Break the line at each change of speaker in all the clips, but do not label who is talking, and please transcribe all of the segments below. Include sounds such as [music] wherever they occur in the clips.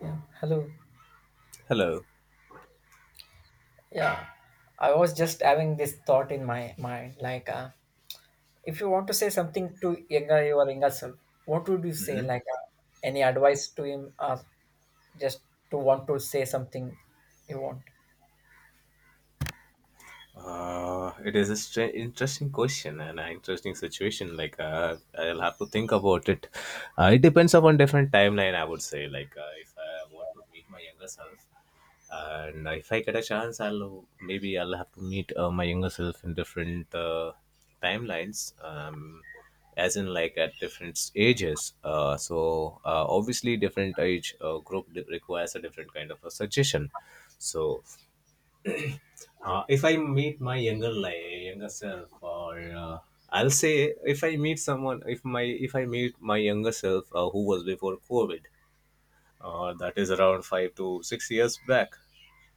Yeah. Hello.
Hello.
Yeah. I was just having this thought in my mind, like, if you want to say something to younger your younger self, what would you say?
Hmm.
Like, any advice to him, or just to want to say something you want?
It is a interesting question and an interesting situation. I'll have to think about it. It depends upon different timeline. I would say, if I want to meet my younger self, and if I get a chance, I'll have to meet my younger self in different timelines. As in like at different ages so obviously different age requires a different kind of a suggestion so. If I meet my younger self, or I'll say if I meet someone, if I meet my younger self who was before COVID, that is around 5 to 6 years back,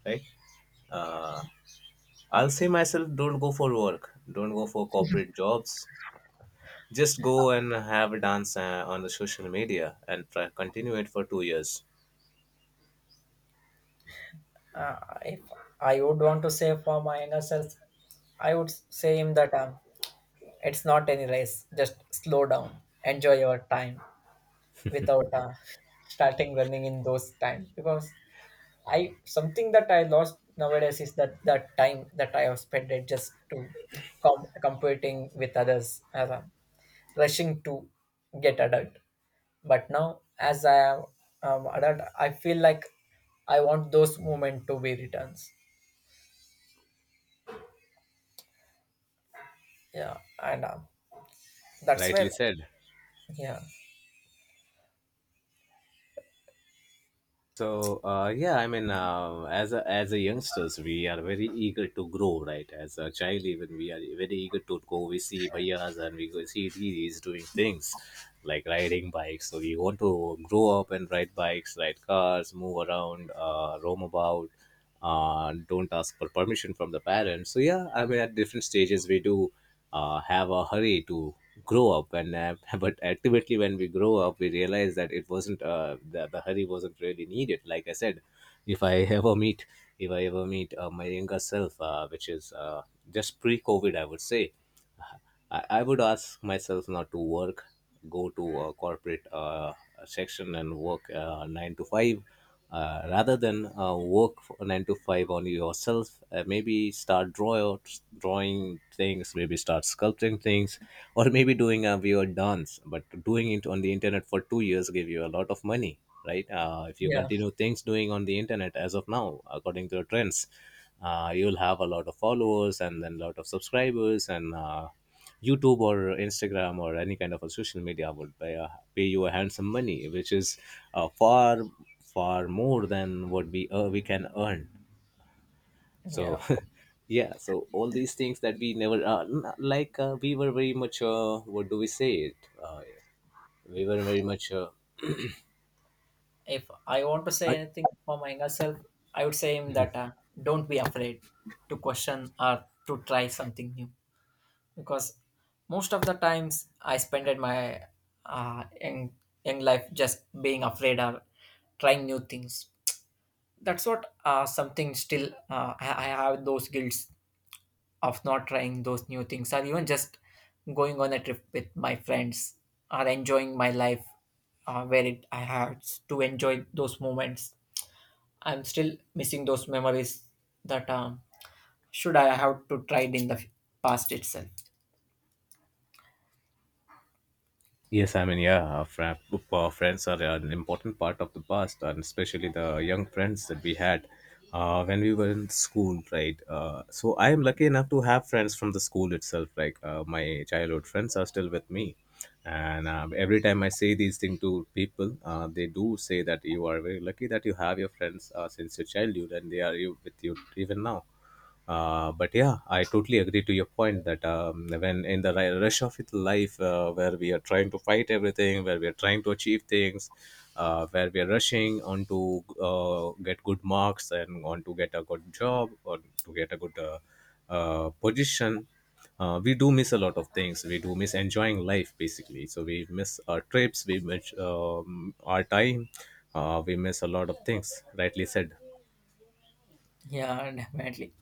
right? Uh, I'll say myself, don't go for work, don't go for corporate jobs. Just go and have a dance on the social media and try continue it for 2 years.
Uh, if I would want to say for my younger self, I would say him that it's not any race. Just slow down, enjoy your time without starting running in those time because I something that I lost nowadays is that the time that I have spent it just to competing with others, rushing to get adult. But now, as I am adult, I feel like I want those moments to be returns. Yeah, and that's where
Rightly said.
yeah,
So yeah, I mean, as a youngsters, we are very eager to grow, right? As a child, even we are very eager to go. We see bhaiyas and we go see these doing things like riding bikes. So we want to grow up and ride bikes, ride cars, move around, roam about. Don't ask for permission from the parents. So yeah, I mean, at different stages, we do have a hurry to grow up and [laughs] but ultimately when we grow up we realize that it wasn't the hurry wasn't really needed like I said. If I [laughs] ever meet if I ever meet my younger self which is just pre COVID, I would say, I would ask myself not to work, go to a corporate section and work 9 to 5, rather than work for 9 to 5 on yourself. Maybe start draw drawing things, maybe start sculpting things, or maybe doing a weird dance. But doing it on the internet for 2 years gave you a lot of money, right? If you
yeah,
continue things doing on the internet as of now, according to the trends. You'll have a lot of followers and then a lot of subscribers and YouTube or Instagram or any kind of a social media would pay you a handsome money, which is far far more than what we can earn.
yeah.
So [laughs] yeah, so all these things that we never we were very much what do we say it? Uh, we were very much
If I want to say anything for my younger self, I would say him that don't be afraid to question or to try something new. Because most of the times I spend in my uh, young, young life just being afraid or trying new things. That's what something still I have those guilts of not trying those new things or even just going on a trip with my friends or enjoying my life where it I had to enjoy those moments. I'm still missing those memories that should I have to tried in the past itself.
yes, I mean, yeah, well, our friends are an important part of the past, and especially the young friends that we had when we were in school, right? So I am lucky enough to have friends from the school itself. My childhood friends are still with me, and every time I say these things to people, they do say that you are very lucky that you have your friends since your childhood, and they are with you even now. But yeah, I totally agree to your point that when in the rush of it life, where we are trying to fight everything, where we are trying to achieve things, where we are rushing on to get good marks and on to get a good job or to get a good position, we do miss a lot of things. We do miss enjoying life basically. So we miss our trips, we miss our time, we miss a lot of things. Rightly said.
Yeah, [laughs] definitely.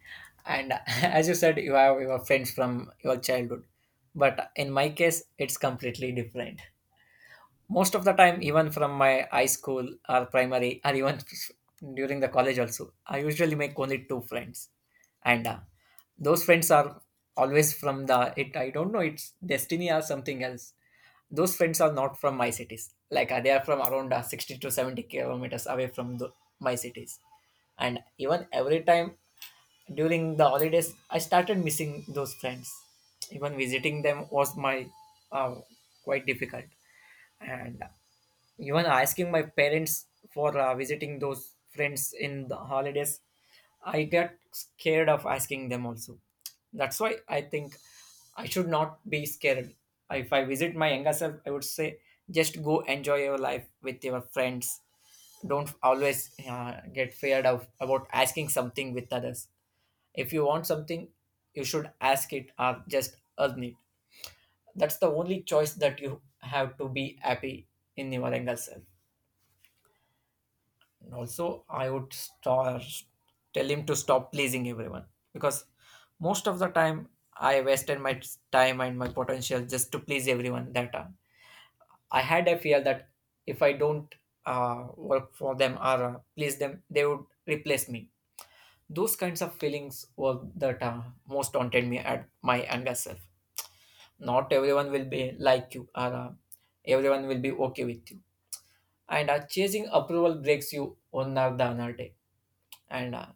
And [laughs] as you said, you have your friends from your childhood. But in my case, it's completely different. Most of the time, even from my high school or primary, or even [laughs] during the college also, I usually make only two friends. And those friends are always from it. I don't know, it's destiny or something else. Those friends are not from my cities. Like they are from around 60 to 70 kilometers away from my cities. And even every time during the holidays I started missing those friends, even visiting them was my uh, quite difficult, and even asking my parents for visiting those friends in the holidays, I get scared of asking them also. That's why I think I should not be scared. If I visit my younger self, I would say just go enjoy your life with your friends. Don't always get feared of about asking something with others. If you want something, you should ask it or just earn it. That's the only choice that you have to be happy in your younger self. And also, I would tell him to stop pleasing everyone, because most of the time I wasted my time and my potential just to please everyone that time. I had a fear that if I don't work for them or please them, they would replace me. Those kinds of feelings were that most haunted me at my younger self. Not everyone will be like you, or everyone will be okay with you. And chasing approval breaks you on or the another day, and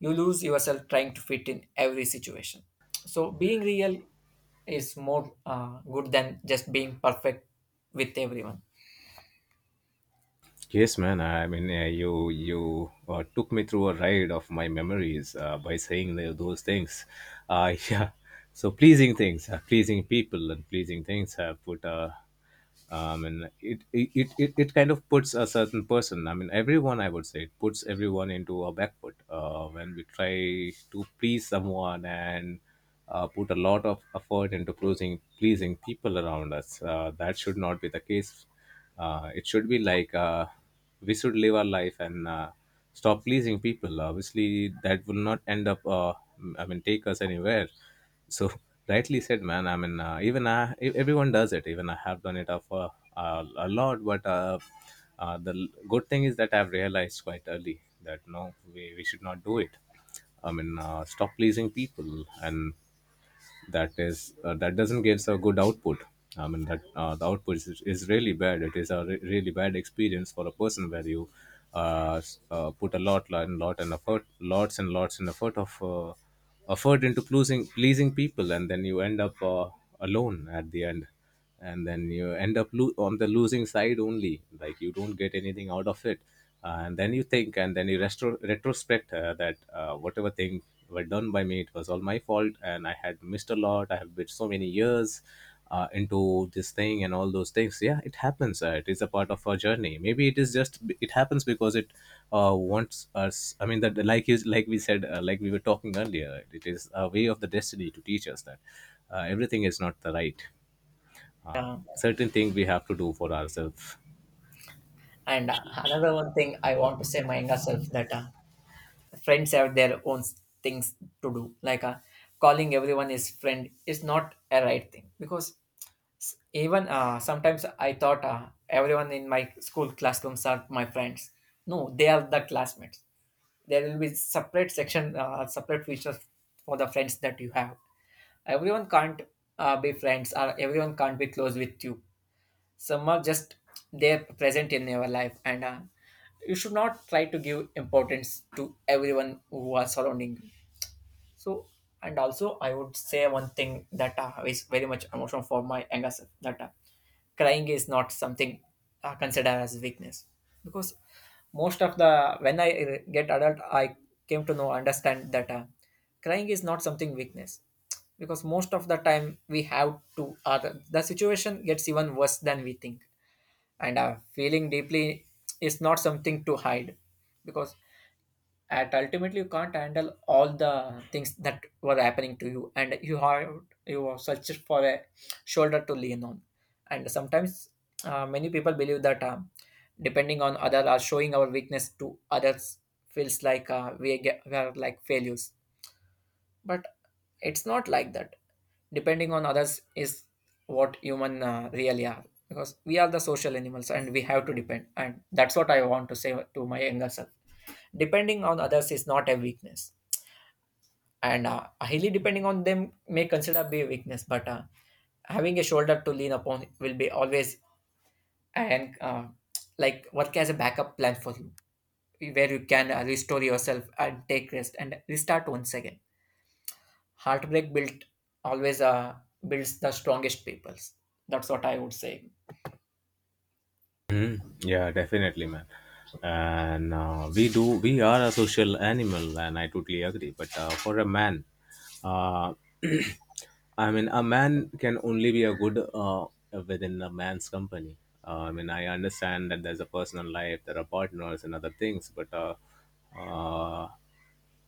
you lose yourself trying to fit in every situation. So being real is more good than just being perfect with everyone.
Yes, man. I mean, you you took me through a ride of my memories by saying those things. [laughs] Yeah. So pleasing things, pleasing people, and pleasing things have put a and it it it it kind of puts a certain person. I mean, everyone. I would say it puts everyone into a backward when we try to please someone and put a lot of effort into pleasing people around us. That should not be the case. It should be like we should live our life and stop pleasing people. Obviously, that will not end up. I mean, take us anywhere. So [laughs] rightly said, man. I mean, everyone does it. Even I have done it of a lot. But good thing is that I've realized quite early that no, we should not do it. I mean, stop pleasing people and that is that doesn't gives a good output. I mean that the output is really bad. It is a really bad experience for a person where you put a lots and lots and effort of effort into pleasing people and then you end up alone at the end, and then you end up on the losing side only, like you don't get anything out of it. And then you think and then you retrospect that whatever thing were done by me it was all my fault and I had missed a lot. I have been so many years into this thing and all those things. Yeah, it happens. It is a part of our journey. Maybe it is just it happens because it wants us. I mean that like we said, like we were talking earlier, it is a way of the destiny to teach us that everything is not the right uh, certain thing we have to do for ourselves.
And another one thing I want to say my younger self that friends have their own things to do. Like calling everyone is friend is not a right thing, because S- even sometimes I thought everyone in my school classrooms are my friends. No, they are the classmates. There will be separate section, separate features for the friends that you have. Everyone can't be friends, or everyone can't be close with you. Some are just they present in your life, and you should not try to give importance to everyone who are surrounding you. So, and also I would say one thing that is very much emotional for my younger self, that crying is not something considered as weakness. Because most of the when I get adult, I came to know understand that crying is not something weakness, because most of the time we have to the situation gets even worse than we think, and feeling deeply is not something to hide, because at ultimately you can't handle all the things that were happening to you and you have you are search for a shoulder to lean on. And sometimes many people believe that depending on other or showing our weakness to others feels like we are like failures, but it's not like that. Depending on others is what human really are, because we are the social animals and we have to depend, and that's what I want to say to my younger self. Depending on others is not a weakness, and highly depending on them may consider be a weakness, but having a shoulder to lean upon will be always, and like work as a backup plan for you where you can restore yourself and take rest and restart once again. Heartbreak built always builds the strongest peoples. That's what I would say.
Hmm. Yeah, definitely, man. And we are a social animal and I totally agree, but for a man, uh, [clears throat] I mean, a man can only be a good uh, within a man's company. I mean, I understand that there's a personal life, there are partners and other things, but uh,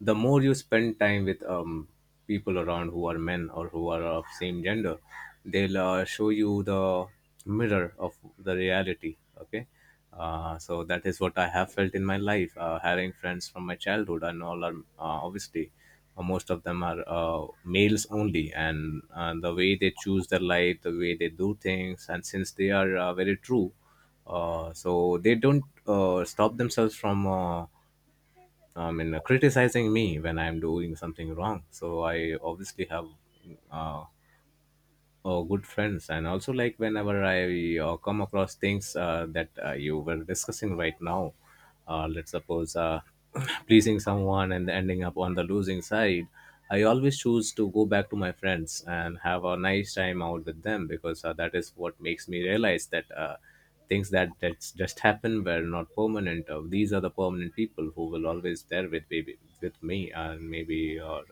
the more you spend time with people around who are men or who are of same gender, they'll show you the mirror of the reality. Okay, so that is what I have felt in my life, having friends from my childhood and all are obviously most of them are males only, and the way they choose their life, the way they do things, and since they are very true, so they don't stop themselves from I mean, criticizing me when I'm doing something wrong. So I obviously have uh, oh, good friends. And also, like, whenever I come across things that you were discussing right now, let's suppose [clears throat] pleasing someone and ending up on the losing side, I always choose to go back to my friends and have a nice time out with them because that is what makes me realize that things that that's just happened were not permanent. These are the permanent people who will always there with me, and maybe, or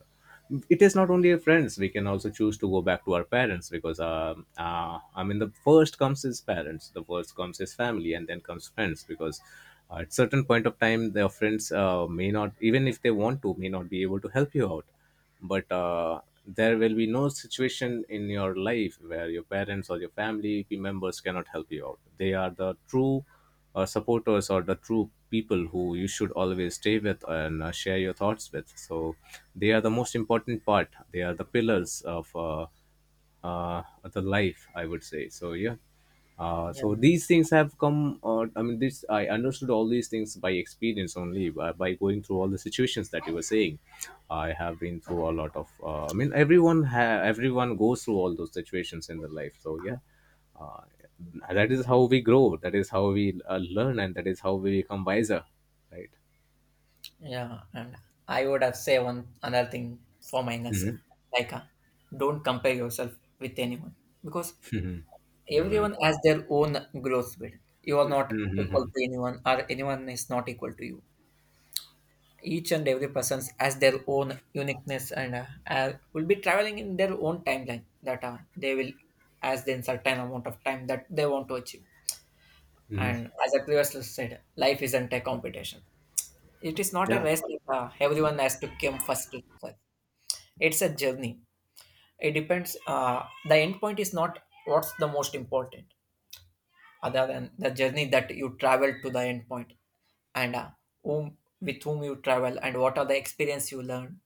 it is not only friends, we can also choose to go back to our parents, because I mean the first comes is parents, the first comes is family and then comes friends, because at certain point of time their friends may not, even if they want to, may not be able to help you out, but there will be no situation in your life where your parents or your family members cannot help you out. They are the true supporters or the true people who you should always stay with, and share your thoughts with. So they are the most important part. They are the pillars of uh, the life, I would say. So yeah.
Yeah,
So these things have come. I mean, this I understood all these things by experience, only by going through all the situations that you were saying. I have been through a lot of. I mean, everyone goes through all those situations in their life. So yeah, uh, that is how we grow, that is how we learn, and that is how we become wiser, right?
yeah, and I would have say one another thing for my younger self, like don't compare yourself with anyone, because
Yeah, man.
everyone has their own growth speed. You are not equal to anyone, or anyone is not equal to you. Each and every person has their own uniqueness, and will be traveling in their own timeline that as then certain amount of time that they want to achieve. And as I previously said, life isn't a competition. It is not a
Yeah.
race that everyone has to come first. It's a journey. It depends. The end point is not what's the most important, other than the journey that you travel to the end point, and whom with whom you travel and what are the experience you learn,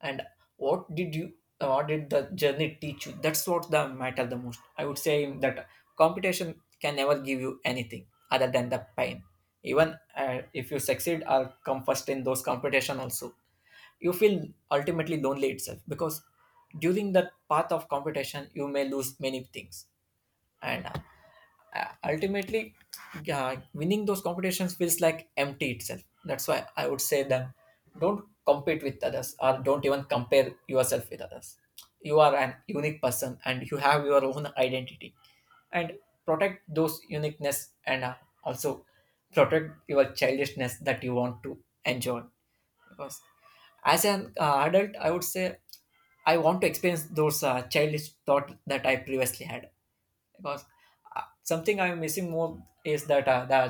and what did you what did the journey teach you. That's what the matter the most, I would say, that competition can never give you anything other than the pain. Even if you succeed or come first in those competition also, you feel ultimately lonely itself, because during that path of competition you may lose many things, and ultimately winning those competitions feels like empty itself. That's why I would say that don't compete with others or don't even compare yourself with others. You are an unique person and you have your own identity, and protect those uniqueness, and also protect your childishness that you want to enjoy. Because as an adult, I would say I want to experience those childish thought that I previously had. Because something I'm missing more is that the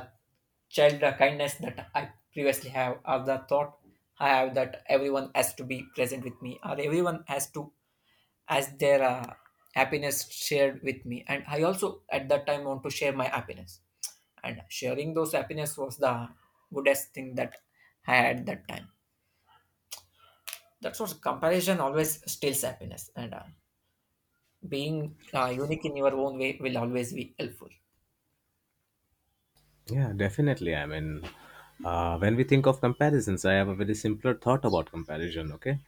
child kindness that I previously have, or the thought I have that everyone has to be present with me, or everyone has to has their happiness shared with me, and I also at that time want to share my happiness. And sharing those happiness was the goodest thing that I had at that time. That's what comparison always steals happiness, and being unique in your own way will always be helpful.
Yeah, definitely. I mean, when we think of comparisons, I have a very simpler thought about comparison. Okay,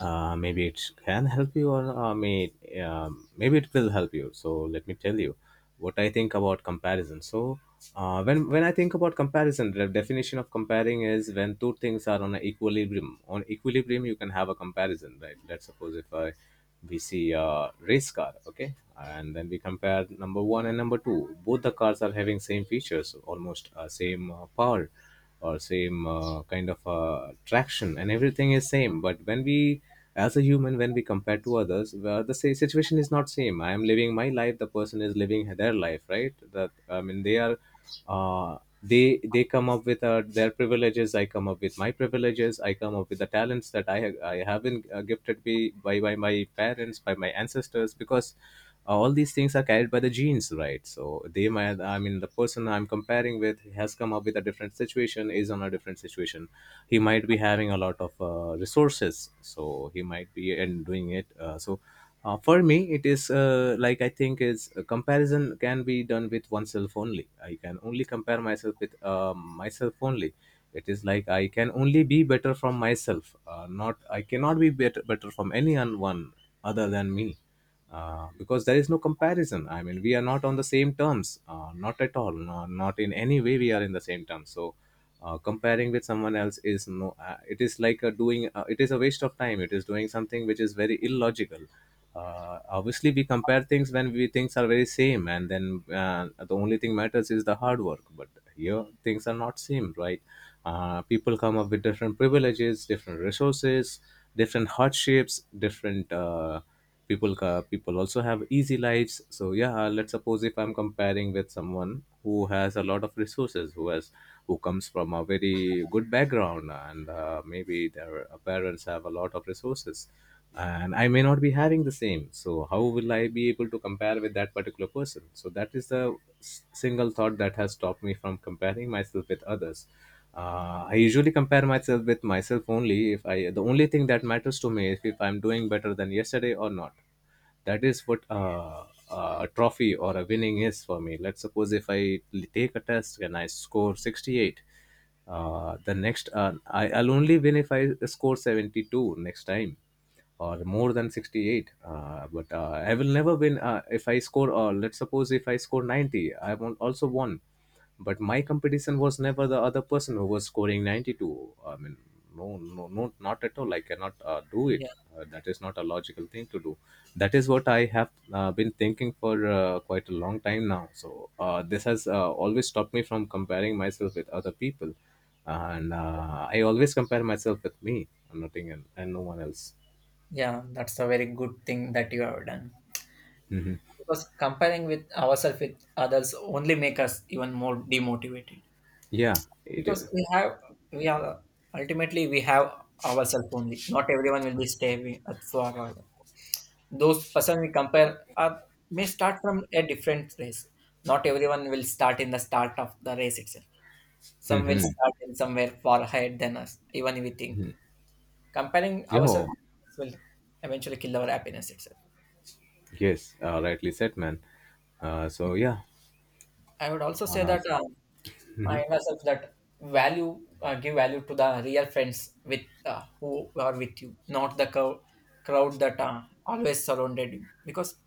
maybe it can help you, or maybe it will help you. So let me tell you what I think about comparison. So when I think about comparison, the definition of comparing is when two things are on an equilibrium. On equilibrium, you can have a comparison, right? Let's suppose if I we see a race car, okay, and then we compare number one and number two. Both the cars are having same features, almost same power or same kind of traction, and everything is same. But when we as a human, when we compare to others, situation is not same. I am living my life, the person is living their life, right? That i mean they are, they come up with their privileges, I come up with my privileges, I come up with the talents that I have been gifted by, by my parents, by my ancestors. Because all these things are carried by the genes, right? So they might, I mean, the person I'm comparing with has come up with a different situation is on a different situation. He might be having a lot of resources, so he might be and doing it, so for me, it is like, I think, is a comparison can be done with oneself only. I can only compare myself with myself only. It is like I can only be better from myself. Not, I cannot be better from anyone other than me, because there is no comparison. I mean, we are not on the same terms, not at all, no, not in any way. We are in the same terms. So, comparing with someone else is no. It is like a doing. It is a waste of time. It is doing something which is very illogical. Obviously, we compare things when we things are very same, and then the only thing matters is the hard work. But here, things are not same, right? People come up with different privileges, different resources, different hardships, different. People also have easy lives. So yeah, let's suppose if I'm comparing with someone who has a lot of resources, who has who comes from a very good background, and maybe their parents have a lot of resources, and I may not be having the same. So how will I be able to compare with that particular person? So that is the single thought that has stopped me from comparing myself with others. Uh, I usually compare myself with myself only. If I The only thing that matters to me is if I'm doing better than yesterday or not. That is what, a trophy or a winning is for me. Let's suppose if I take a test and I score 68. I'll only win if I score 72 next time, or more than 68. But I will never win, if I score let's suppose if I score 90, I won't also won. But my competition was never the other person who was scoring 92. I mean, no, no, no, not at all. I cannot do it. Uh, that is not a logical thing to do. That is what I have been thinking for quite a long time now. So this has always stopped me from comparing myself with other people. And I always compare myself with me, nothing, and no one else.
Yeah, that's a very good thing that you have done.
Hmm.
Because comparing with ourselves with others only make us even more demotivated.
Yeah, it.
Because we have, we are ultimately we have ourselves only. Not everyone will be staying at those person we compare are may start from a different place. Not everyone will start in the start of the race itself. Some will
Mm-hmm.
start in somewhere far ahead than us. Even if we think comparing
Yeah,
ourselves will eventually kill our happiness itself.
yes, rightly said, man. So yeah,
I would also say
uh,
that. Remind ourselves that give value to the real friends with who are with you, not crowd that always surrounded you. Because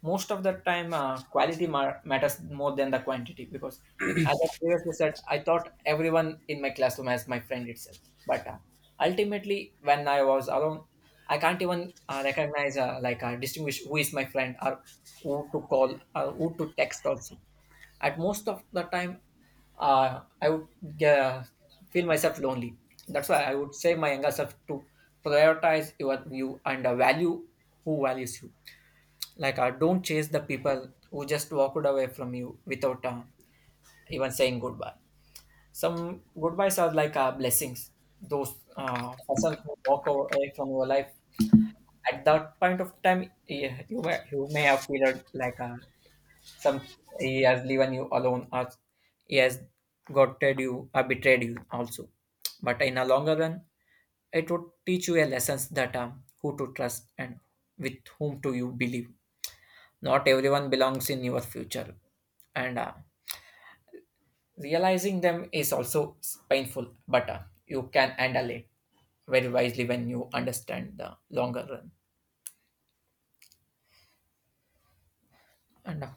most of the time, quality matters more than the quantity. Because as I previously said, I thought everyone in my classroom as my friend itself. But ultimately, when I was alone, I can't even recognize, distinguish who is my friend, or who to call or who to text also at most of the time, I would feel myself lonely. That's why I would say my younger self to prioritize your view and value who values you. Like, don't chase the people who just walked away from you without even saying goodbye. Some goodbyes are like blessings. Those persons who walk away from your life at that point of time, yeah, you may have felt like some he has leaving you alone, or he has gotten you or betrayed you also. But in a longer run, it would teach you a lessons that who to trust and with whom to you believe. Not everyone belongs in your future, and realizing them is also painful. But you can handle it very wisely when you understand the longer run. And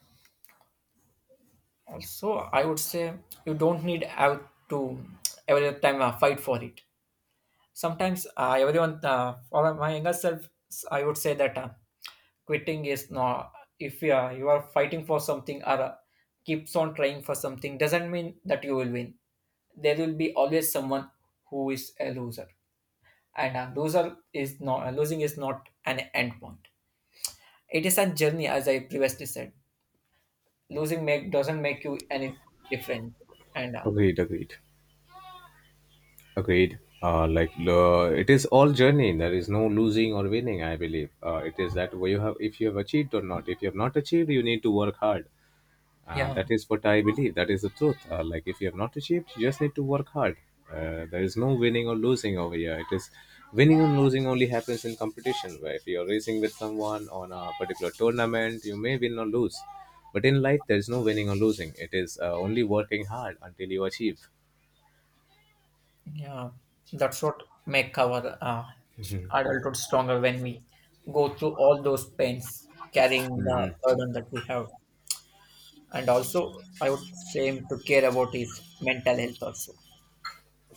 also, I would say you don't need have to every time fight for it. Sometimes everyone for my younger self I would say that quitting is not, if you are, you are fighting for something or keeps on trying for something doesn't mean that you will win. There will be always someone who is a loser, and a loser is not, losing is not an end point. It is a journey. As I previously said, losing make doesn't make you any different. And
agreed, agreed, agreed. Like, it is all journey. There is no losing or winning. I believe it is that way you have. If you have achieved or not. If you have not achieved, you need to work hard.
yeah
That is what I believe. That is the truth. Like, if you have not achieved, you just need to work hard. There is no winning or losing over here. It is, winning and losing only happens in competition. Where if you are racing with someone on a particular tournament, you may win or lose. But in life, there is no winning or losing. It is only working hard until you achieve.
Yeah, that's what make our adulthood stronger when we go through all those pains, carrying the
Mhm.
burden that we have. And also, I would say him to care about his mental health also.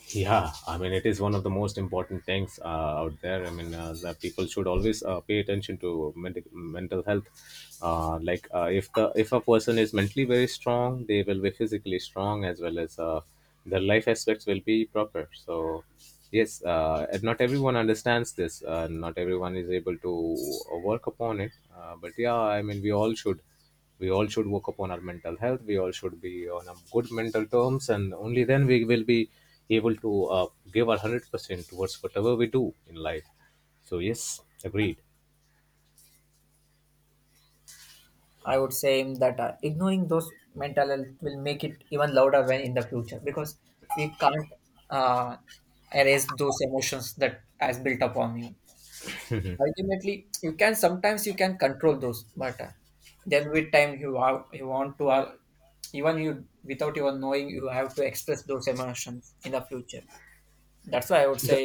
Yeah, I mean, it is one of the most important things out there. I mean, the people should always pay attention to mental health. Like, if a person is mentally very strong, they will be physically strong, as well as their life aspects will be proper. So, yes, and not everyone understands this. Not everyone is able to work upon it. But yeah, I mean, we all should work upon our mental health. We all should be on a good mental terms, and only then we will be able to give our 100% towards whatever we do in life. So yes, agreed.
I would say him that ignoring those mental health will make it even louder when in the future, because we can't uh, erase those emotions that has built up on you. Ultimately you can, sometimes you can control those matter, then with time you have, you want to even you without your knowing you have to express those emotions in the future. That's why I would say
The,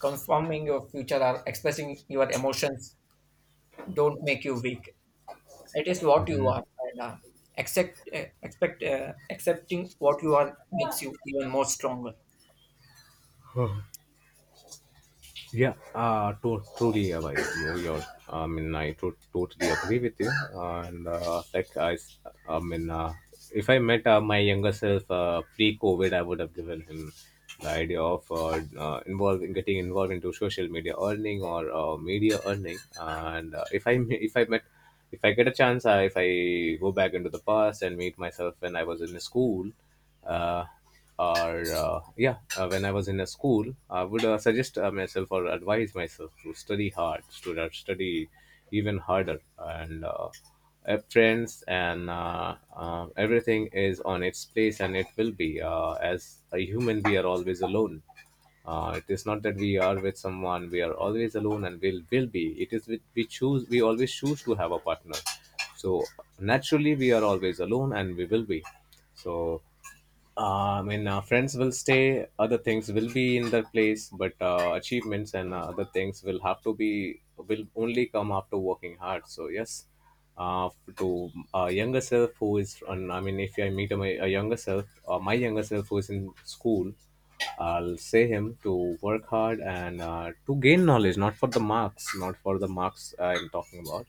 confirming your future or expressing your emotions don't make you weak. It is what you
mhm.
are, and accepting what you are makes you even more stronger.
Yeah, truly, like I mean, I totally agree with you. And like I mean, if I met my younger self pre-COVID, I would have given him the idea of getting involved into social media earning, or media earning. And if I met, if I get a chance, if I go back into the past and meet myself when I was in school, uh, or yeah, when I was in a school, I would suggest myself, or advise myself to study hard, to study even harder. And friends and everything is on its place, and it will be as a human, we are always alone. Uh, it is not that we are with someone. We are always alone, and will be. It is with we choose. We always choose to have a partner. So naturally, we are always alone, and we will be. So I mean, friends will stay, other things will be in their place, but achievements and other things will have to be, will only come after working hard. So, yes, uh, to a younger self who is, on, I mean, if I meet a younger self, my younger self who is in school, I'll say him to work hard, and to gain knowledge, not for the marks, not for the marks I'm talking about.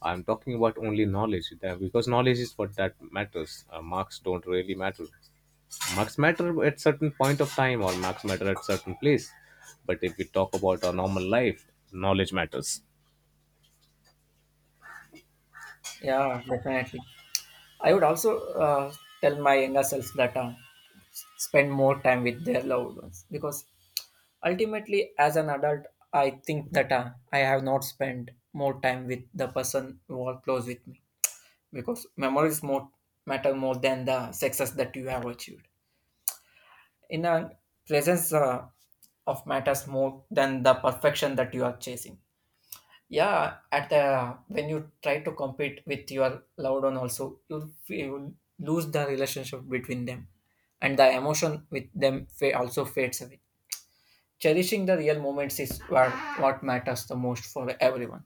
I'm talking about only knowledge that- because knowledge is what that matters. Marks don't really matter. Marks matter at certain point of time, or marks matter at certain place. But if we talk about our normal life, knowledge matters.
Yeah, definitely. I would also uh, tell my younger self that spend more time with their loved ones, because ultimately as an adult I think that I have not spent more time with the person who are close with me, because memories more matter more than the success that you have achieved in a presence. Of matters more than the perfection that you are chasing. Yeah, at the, when you try to compete with your loved one also, you lose the relationship between them, and the emotion with them also fades away. Cherishing the real moments is what matters the most for everyone.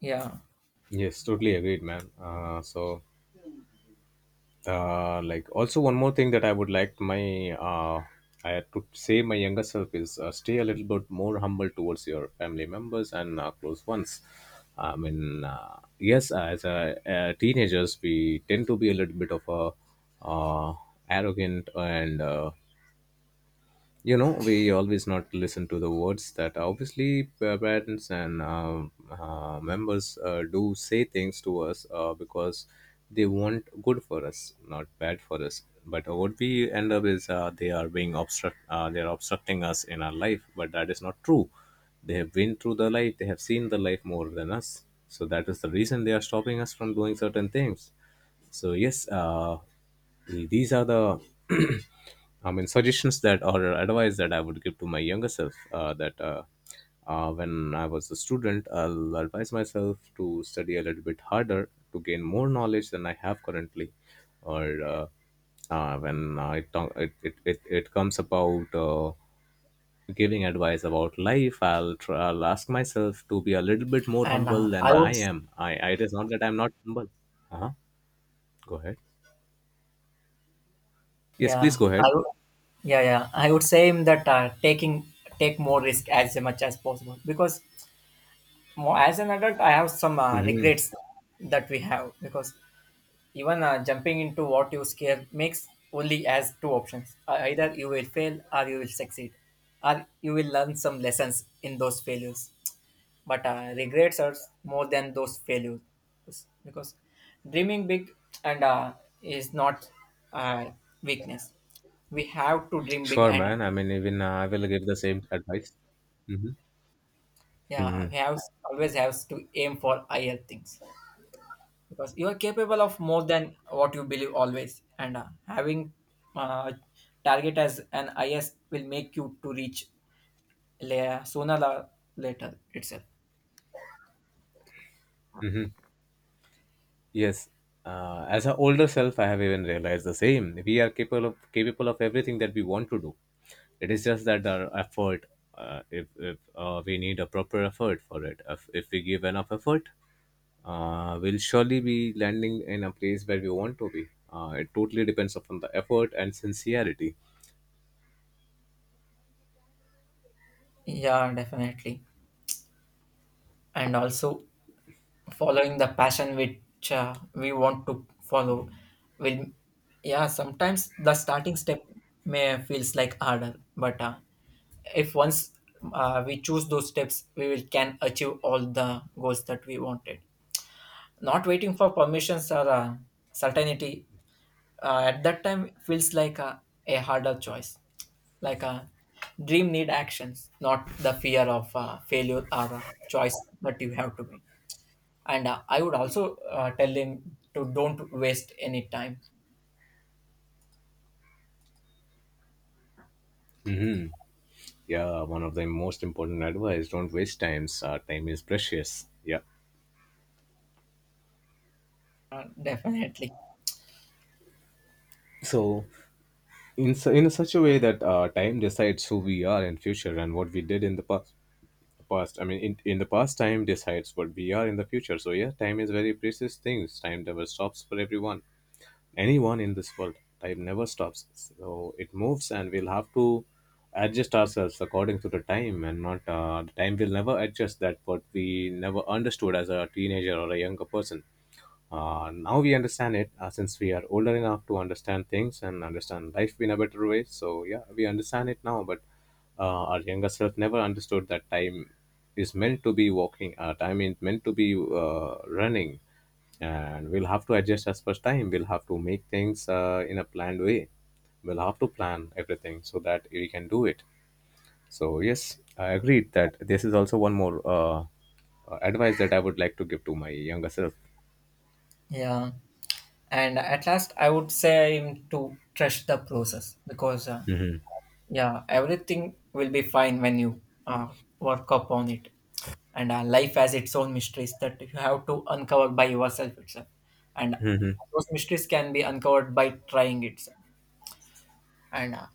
Yeah.
Yes, totally agreed, man. Uh, so like also one more thing that I would like my uh, I had to say my younger self is stay a little bit more humble towards your family members and close ones. I mean yes, as a, uh, teenagers, we tend to be a little bit of a uh, arrogant, and you know, we always not listen to the words that obviously parents and members do say things to us. Uh, because they want good for us, not bad for us. But what we end up is they are being obstruct they are obstructing us in our life. But that is not true. They have been through the life. They have seen the life more than us. So that is the reason they are stopping us from doing certain things. So yes, these are the, I mean, suggestions that or advice that I would give to my younger self that when I was a student, I'll advise myself to study a little bit harder, to gain more knowledge than I have currently, or when I talk, it comes about giving advice about life, I'll ask myself to be a little bit more
and
humble than
I would
I
s-
am. I it is not that I'm not humble. Uh-huh. Go ahead. Yes,
yeah
please go
i
ahead.
would yeah, I would say him that taking take more risk as much as possible, because more, as an adult I have some
Mhm.
regrets that we have, because even jumping into what you scare makes only as two options. Either you will fail or you will succeed, or you will learn some lessons in those failures. But regrets are more than those failures, because dreaming big and is not uh, weakness. We have to dream big.
Sure,
And
man. I mean, even I will give the same advice. Hmm.
yeah,
Hmm.
we have always have to aim for higher things, because you are capable of more than what you believe always. And having uh, target as an is will make you to reach sooner or later itself.
Hmm. Yes. As an older self, I have even realized the same. We are capable of everything that we want to do. It is just that our effort, if we need a proper effort for it, if we give enough effort, we'll surely be landing in a place where we want to be. It totally depends upon the effort and sincerity.
Yeah, definitely. And also, following the passion which we want to follow will, yeah, sometimes the starting step may feels like harder, but if once we choose those steps we will can achieve all the goals that we wanted. Not waiting for permissions or certainty at that time feels like a harder choice, like a dream need actions, not the fear of failure or a choice that you have to make. And I would also tell him to don't waste any time.
Yeah, one of the most important advice, don't waste times, time is precious. Yeah,
Definitely.
so in in such a way that time decides who we are in future and what we did in the past. I mean, in the past, time decides what we are in the future. So yeah, time is very precious things. Time never stops for everyone, anyone in this world. Time never stops. So it moves, and we'll have to adjust ourselves according to the time, and not the time will never adjust. That what we never understood as a teenager or a younger person. Now we understand it since we are older enough to understand things and understand life in a better way. So, yeah, we understand it now, but our younger self never understood that time is meant to be walking, time is meant to be running, and we'll have to adjust as per time. We'll have to make things in a planned way. We'll have to plan everything so that we can do it. So, yes, I agreed that this is also one more advice that I would like to give to my younger self.
Yeah, and at last I would say him to trust the process, because
Hmm.
yeah, everything will be fine when you uh, work upon it. And life has its own mysteries that you have to uncover by yourself itself, and those mysteries can be uncovered by trying itself, and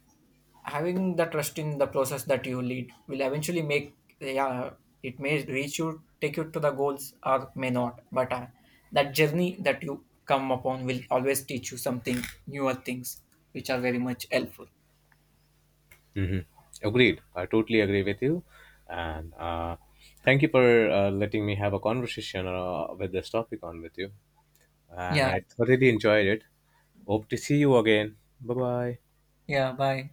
having the trust in the process that you lead will eventually make, yeah, it may reach, you take you to the goals or may not, but that journey that you come upon will always teach you something newer things which are very much helpful.
Hmm. Agreed. I totally agree with you. And thank you for letting me have a conversation with this topic on with you. And
Yeah.
I thoroughly enjoyed it. Hope to see you again. Bye bye.
Yeah, bye.